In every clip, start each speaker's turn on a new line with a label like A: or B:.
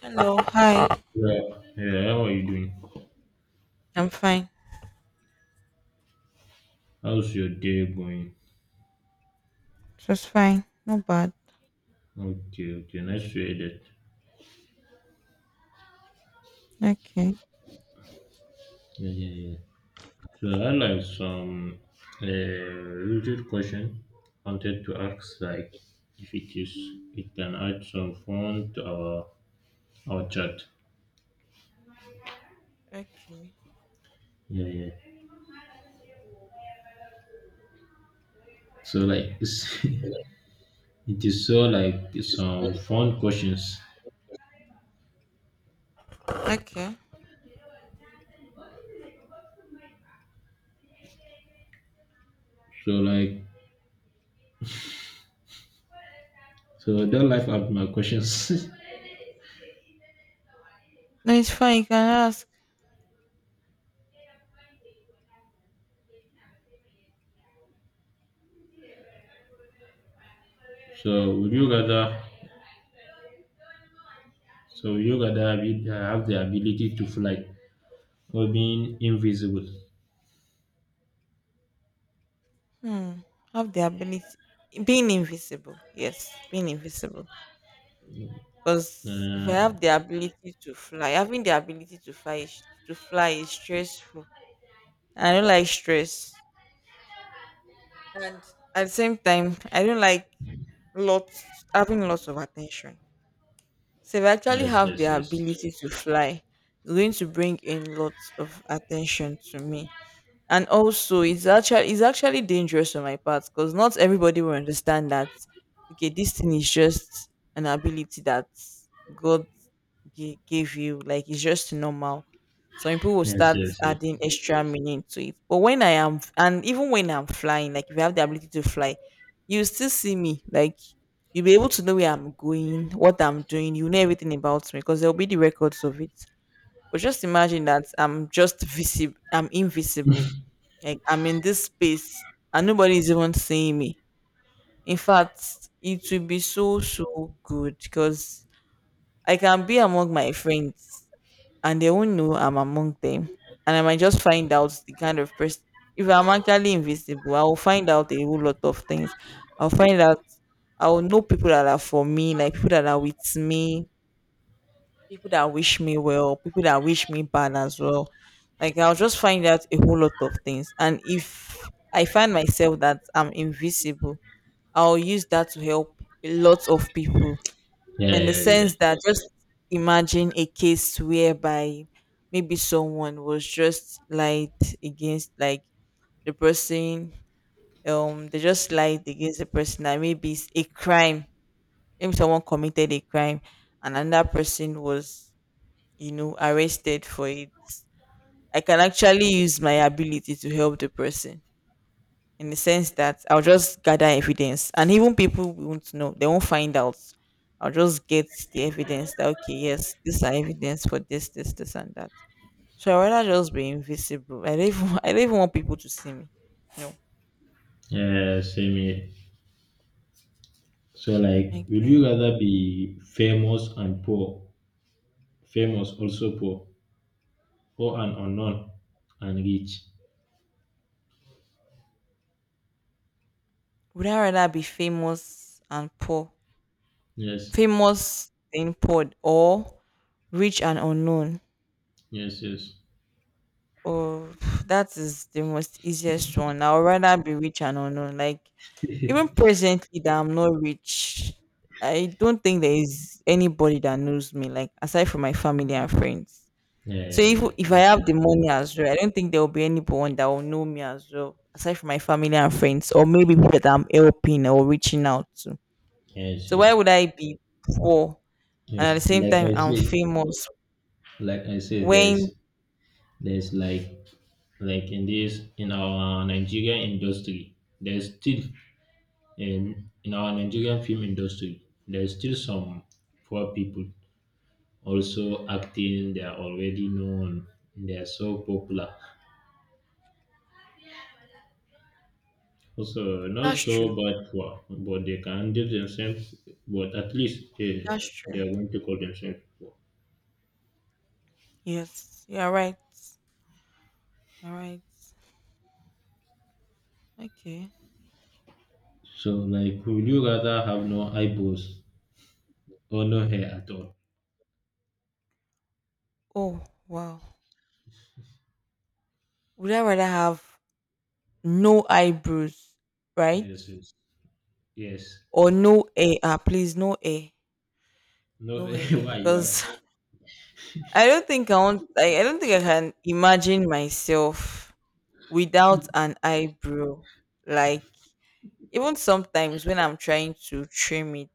A: Hello, hi.
B: Yeah. Yeah, how are you doing?
A: I'm fine.
B: How's your day going?
A: Just fine. Not bad.
B: Okay, okay, nice to hear that.
A: Okay.
B: Yeah, yeah, yeah. So I like some related question, wanted to ask like if it is it can add some fun to our chat.
A: Okay.
B: Yeah, yeah. So like it is, so like, some fun questions.
A: Okay.
B: So like, so don't laugh at my questions.
A: No, it's fine. You can ask.
B: So would you rather? So would you rather have, have the ability to fly or being invisible?
A: Hmm. Have the ability being invisible. Yes, being invisible. Because if I
B: Uh,
A: have the ability to fly, having the ability to fly to fly is stressful. I don't like stress. And at the same time, I don't like lots having lots of attention. So if I actually
B: yes,
A: have the
B: yes, yes,
A: ability to fly, it's going to bring in lots of attention to me, and also it's actually dangerous on my part, because not everybody will understand that okay, this thing is just an ability that God gave you, like it's just normal. So people will
B: yes,
A: start
B: yes, yes.
A: adding extra meaning to it. But when I am and even when I'm flying, like if you have the ability to fly, you still see me. Like you'll be able to know where I'm going, what I'm doing, you know everything about me, because there'll be the records of it. But just imagine that I'm invisible. Like I'm in this space and nobody is even seeing me. In fact, it will be so so good, because I can be among my friends and they won't know I'm among them. And I might just find out the kind of person if I'm actually invisible, I will find out a whole lot of things. I'll find out I will know people that are for me, like people that are with me, people that wish me well, people that wish me bad as well. Like I'll just find out a whole lot of things. And if I find myself that I'm invisible, I'll use that to help a lot of people.
B: Yeah,
A: In the
B: yeah, yeah.
A: sense that just imagine a case whereby maybe someone was just lied against, like the person they just lied against the person, that maybe it's a crime. Maybe someone committed a crime and another person was, you know, arrested for it. I can actually use my ability to help the person, in the sense that I'll just gather evidence and even people won't know, they won't find out. I'll just get the evidence that okay, yes, these are evidence for this, this, this and that. So I rather just be invisible. I don't even I don't even want people to see me. No.
B: Yeah, same here. So like, will you
A: Okay.
B: rather be famous and poor, famous also poor, or an unknown and rich?
A: Would I rather be famous and poor?
B: Yes,
A: Famous and poor, or rich and unknown?
B: yes, yes.
A: Oh, that is the most easiest one. I would rather be rich and unknown. Like even presently that I'm not rich, I don't think there is anybody that knows me, like aside from my family and friends.
B: Yeah,
A: So
B: yeah,
A: if
B: yeah,
A: if I
B: that's
A: have
B: it.
A: the money as well, I don't think there will be anyone that will know me as well, aside from my family and friends, or maybe people that I'm helping or reaching out to.
B: Yes,
A: So why
B: yes,
A: would I be poor and at
B: yes.
A: the same time I'm famous
B: Like I said, there's
A: when.
B: there's like in this, in our Nigerian industry, there's still in our Nigerian film industry, there's still some poor people, also acting, they are already known, they are so popular, also not
A: That's
B: so
A: true.
B: bad for, but they can handle themselves. But at least
A: That's true.
B: they are going to call themselves poor.
A: Yes, you're right. All right. Okay.
B: So like, would you rather have no eyebrows or no hair at all?
A: Oh, wow. Would I rather have no eyebrows, right?
B: Yes, yes, yes.
A: Or no hair? Ah, please, no hair.
B: No.
A: No hair.
B: Why?
A: Because I don't think I can imagine myself without an eyebrow. Like, even sometimes when I'm trying to trim it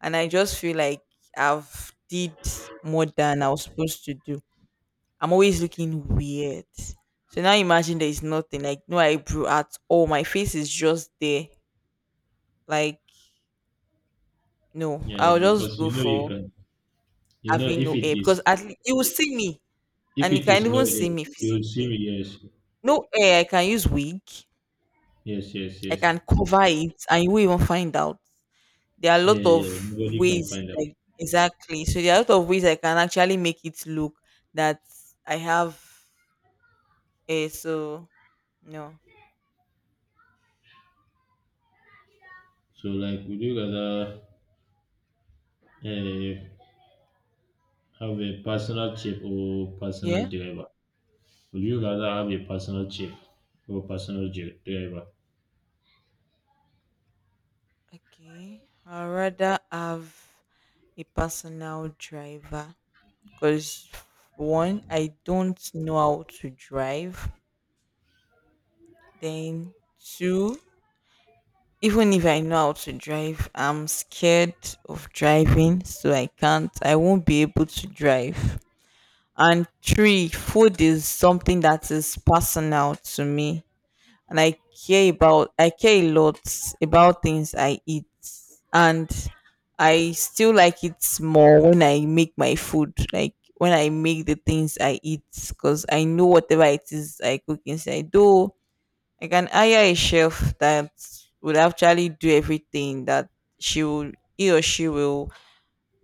A: and I just feel like I've did more than I was supposed to do, I'm always looking weird. So now imagine there is nothing, like no eyebrow at all. My face is just there. Like, no,
B: Yeah,
A: I'll just
B: because
A: go
B: you know you
A: for
B: can, you know
A: having
B: if
A: no
B: it
A: hair, because
B: is,
A: at least you will see me
B: if
A: and you
B: it
A: can
B: is no
A: even
B: hair,
A: see me
B: you will see
A: physically.
B: me. Yes,
A: No hair, I can use wig,
B: yes, yes,
A: I
B: yes.
A: can cover it, and you will not even find out. There are a
B: Yeah,
A: lot of
B: yeah, nobody can
A: ways,
B: find out.
A: like exactly. So there are a lot of ways I can actually make it look that I have a so no.
B: So, like, would you rather uh, have a personal chef or
A: Yeah.
B: personal driver? Would you rather have a personal chef or personal driver?
A: Okay, I'd rather have a personal driver, because one, I don't know how to drive. Then two, even if I know how to drive, I'm scared of driving, so I can't. I won't be able to drive. And three, food is something that is personal to me. And I care a lot about things I eat. And I still like it more when I make my food, like when I make the things I eat, because I know whatever it is I cook inside though. I can hire a chef that would actually do everything that she will he or she will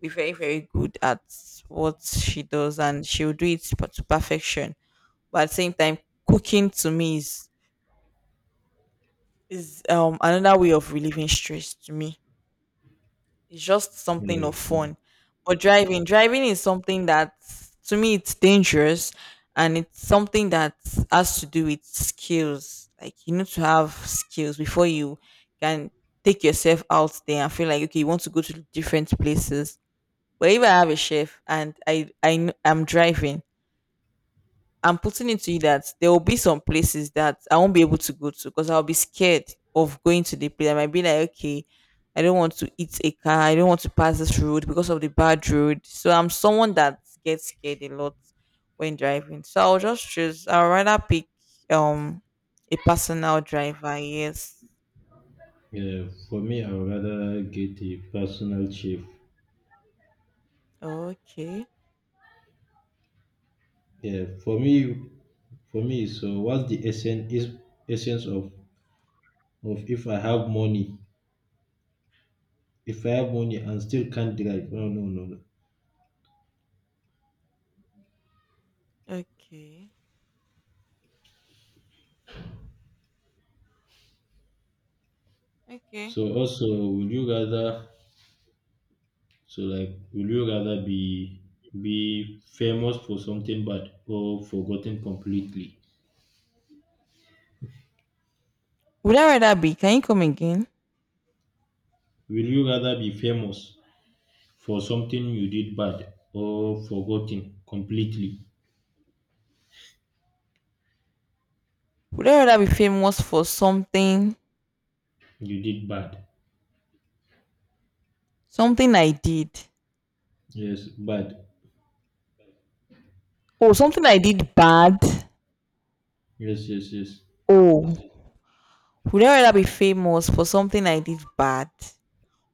A: be very very good at what she does, and she will do it to perfection. But at the same time, cooking to me is is another way of relieving stress to me. It's just something
B: Yeah,
A: of
B: for,
A: fun. But driving is something that to me it's dangerous, and it's something that has to do with skills. Like you need to have skills before you can take yourself out there and feel like okay, you want to go to different places. But if I have a chef and I am driving, I'm putting it to you that there will be some places that I won't be able to go to, because I'll be scared of going to the place. I might be like, okay, I don't want to eat a car. I don't want to pass this road because of the bad road. So I'm someone that gets scared a lot when driving. So I'll just choose. I'll rather pick um a personal driver. Yes.
B: yeah, for me, I would rather get a personal chef.
A: Okay.
B: Yeah, for me, for me. So, what's the essence of, if I have money, if I have money and still can't drive? No, no, no, no.
A: Okay. Okay.
B: So, also, would you rather, so like will you rather be famous for something bad or forgotten completely?
A: Would I rather be? Can you come again?
B: Will you rather be famous for something you did bad or forgotten completely?
A: Would I rather be famous for
B: You did bad.
A: something I did.
B: Yes, bad.
A: Oh, something I did bad.
B: Yes, yes, yes.
A: Oh, would I rather be famous for something I did bad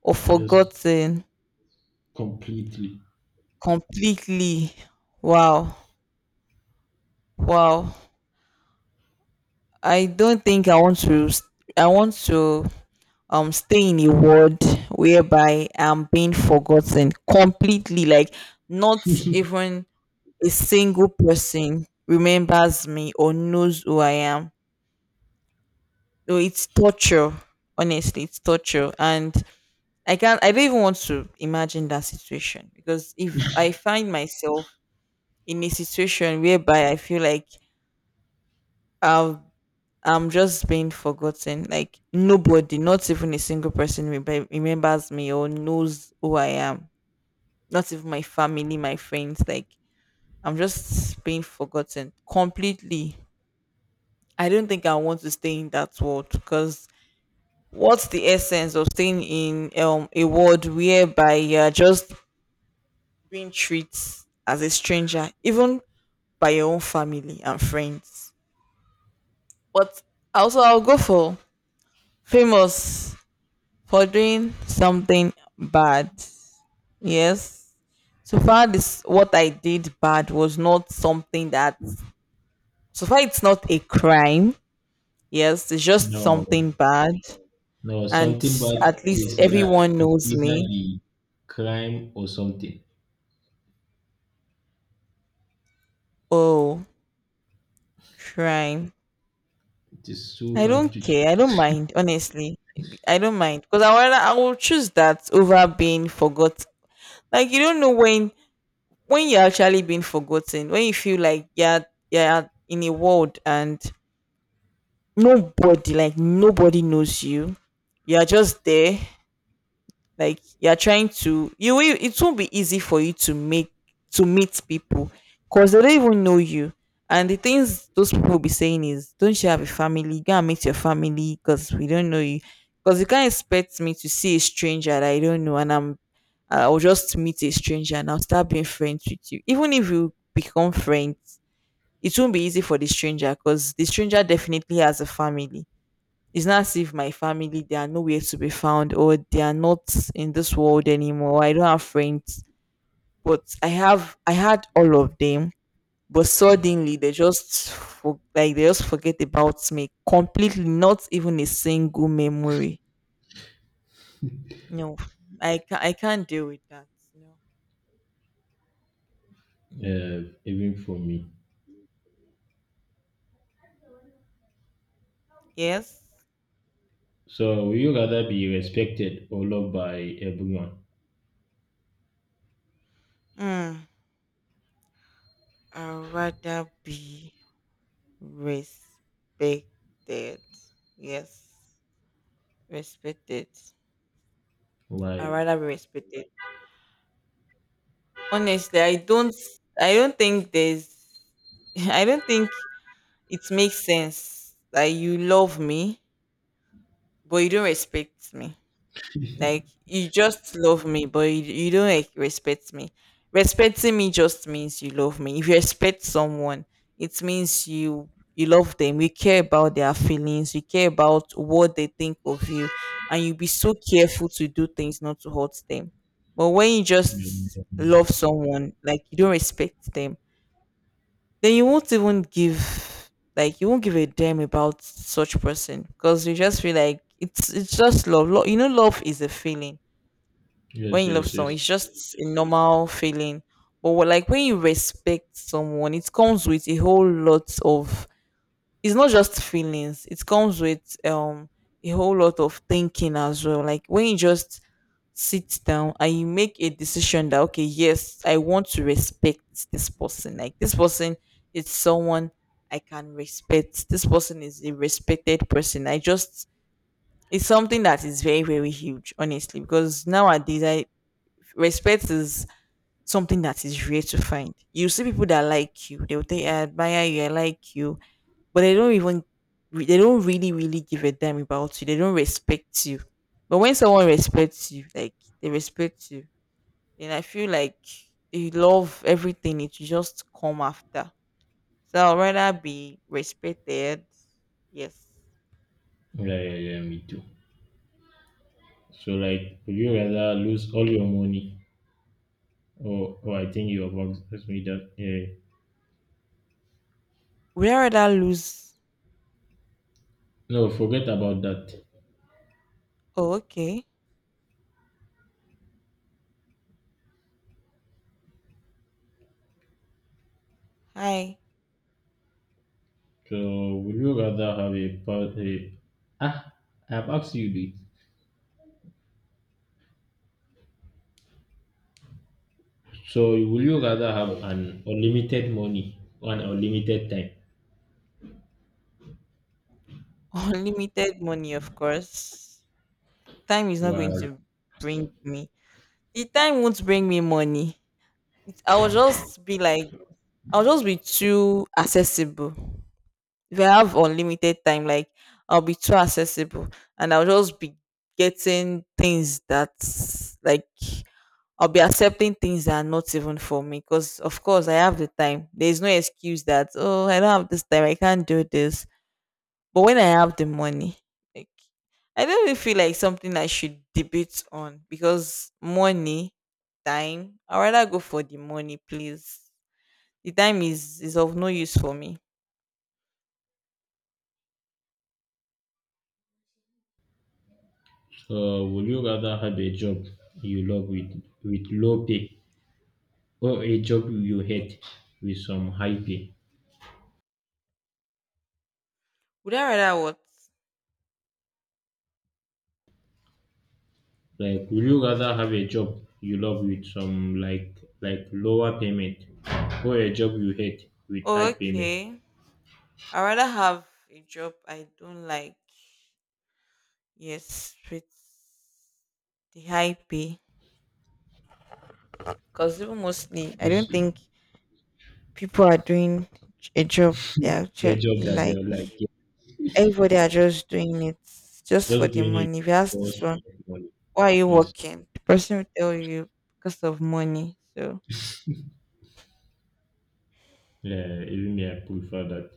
A: or
B: Yes,
A: forgotten
B: completely.
A: completely? Wow, wow. I don't think I want to. I want to stay in a world whereby I'm being forgotten completely. Like not even a single person remembers me or knows who I am. No, it's torture. Honestly, it's torture and I can't. I don't even want to imagine that situation, because if I find myself in a situation whereby I feel like I've I'm just being forgotten, like nobody, not even a single person remembers me or knows who I am. Not even my family, my friends. Like I'm just being forgotten completely. I don't think I want to stay in that world, because what's the essence of staying in a world whereby you're just being treated as a stranger, even by your own family and friends. But also, I'll go for famous for doing something bad. Yes. So far, this what I did bad was not something that. So far, it's not a crime. Yes, it's just something
B: No.
A: bad,
B: No,
A: and
B: something bad
A: at least
B: is,
A: everyone
B: is
A: knows
B: either
A: me.
B: the crime or something.
A: Oh, crime.
B: It is so
A: I
B: hard
A: don't
B: to
A: care. I don't
B: choose.
A: mind, honestly. I don't mind, because I will choose that over being forgotten. Like you don't know when you're actually being forgotten. When you feel like you're in a world and nobody, like nobody knows you. You're just there like you're trying to you will it won't be easy for you to meet people because they don't even know you. And the things those people will be saying is don't you have a family, go and meet your family, because we don't know you. Because you can't expect me to see a stranger that I don't know, and I'll just meet a stranger and I'll start being friends with you. Even if you become friends, it won't be easy for the stranger, because the stranger definitely has a family. It's not as if my family they are nowhere to be found, or they are not in this world anymore. I don't have friends, but I had all of them. But suddenly they just like they just forget about me completely. Not even a single memory. No, I can't deal with that. No.
B: Even for me.
A: Yes.
B: So will you rather be respected or loved by everyone?
A: Mm, I'd rather be respected. Yes, respected. I'd
B: Why?
A: rather be respected. Honestly, I don't think there's I don't think it makes sense that you love me but you don't respect me. Like you just love me, but you don't, like, respect me. Respecting me just means you love me. If you respect someone, it means you love them. You care about their feelings. You care about what they think of you, and you be so careful to do things not to hurt them. But when you just
B: Yes,
A: love someone, like you don't respect them, then you won't even give like you won't give a damn about such person, because you just feel like it's just love. Love, you know love is a feeling.
B: yes,
A: When you love someone,
B: yes.
A: it's just a normal feeling. But like when you respect someone, it comes with a whole lot of. It's not just feelings. It comes with a whole lot of thinking as well. Like when you just sit down and you make a decision that okay, yes, I want to respect this person. Like this person is someone I can respect. This person is a respected person. I just it's something that is very very huge, honestly, because nowadays I respect is something that is rare to find. You see people that like you, they'll say I admire you, I like you, but they don't even they don't really really give a damn about you, they don't respect you. But when someone respects you, like they respect you, then I feel like you love everything, it will just come after. So I'd rather be respected. Yes.
B: Yeah, yeah, yeah, me too. So like, would you rather lose all your money, or, I think you have asked me that, yeah.
A: Would I rather lose.
B: No, forget about that.
A: Oh, okay. Hi.
B: So would you rather have a part a ah, I have asked you this. So would you rather have an unlimited money or an unlimited time?
A: Unlimited money, of course. Time is not
B: Why?
A: going to bring me the time won't bring me money. I will just be like I'll just be too accessible. If I have unlimited time, like I'll be too accessible, and I'll just be getting things that like I'll be accepting things that are not even for me, because of course I have the time. There's no excuse that oh I don't have this time, I can't do this. But when I have the money, like I don't really feel like something I should debate on, because money, time, I'd rather go for the money, please. The time is of no use for me.
B: So would you rather have a job you love with low pay, or a job you hate with some high pay?
A: Would I rather what?
B: Like, would you rather have a job you love with some like lower payment, or a job you hate with
A: Oh,
B: high payment?
A: okay. I rather have a job I don't like. Yes, with the high pay. Because even mostly, I don't
B: Just
A: think people are doing a job they
B: a
A: actually
B: job that
A: like.
B: you're like, yeah,
A: Everybody are just doing it just for
B: just
A: the
B: doing it
A: money. If you ask this
B: because
A: one,
B: of money.
A: why are you
B: Yes.
A: working? The person will tell you because of money. So,
B: Yeah, even me, I prefer that.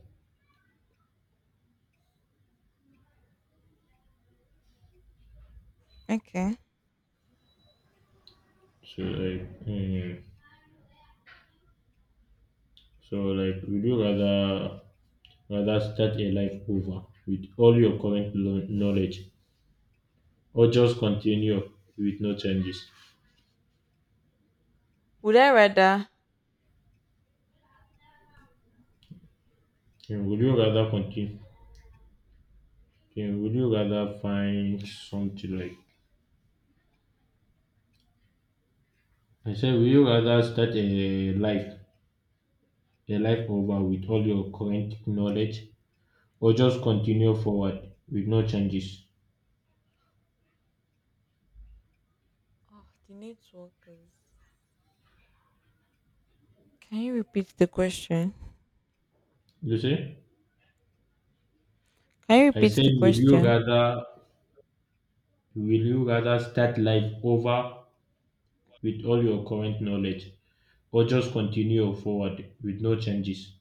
A: okay.
B: So like, mm, so like, would you rather start a life over with all your current knowledge, or just continue with no changes?
A: Would I rather?
B: And would you rather continue? And would you rather find something like? I said, would you rather start a life over with all your current knowledge, or just continue forward with no changes?
A: Oh, the networkers. Can you repeat the question?
B: You see?
A: Can you
B: I
A: repeat
B: said,
A: the question?
B: will you rather start life over with all your current knowledge, or just continue forward with no changes?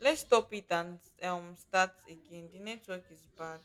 A: Let's stop it and start again, the network is bad.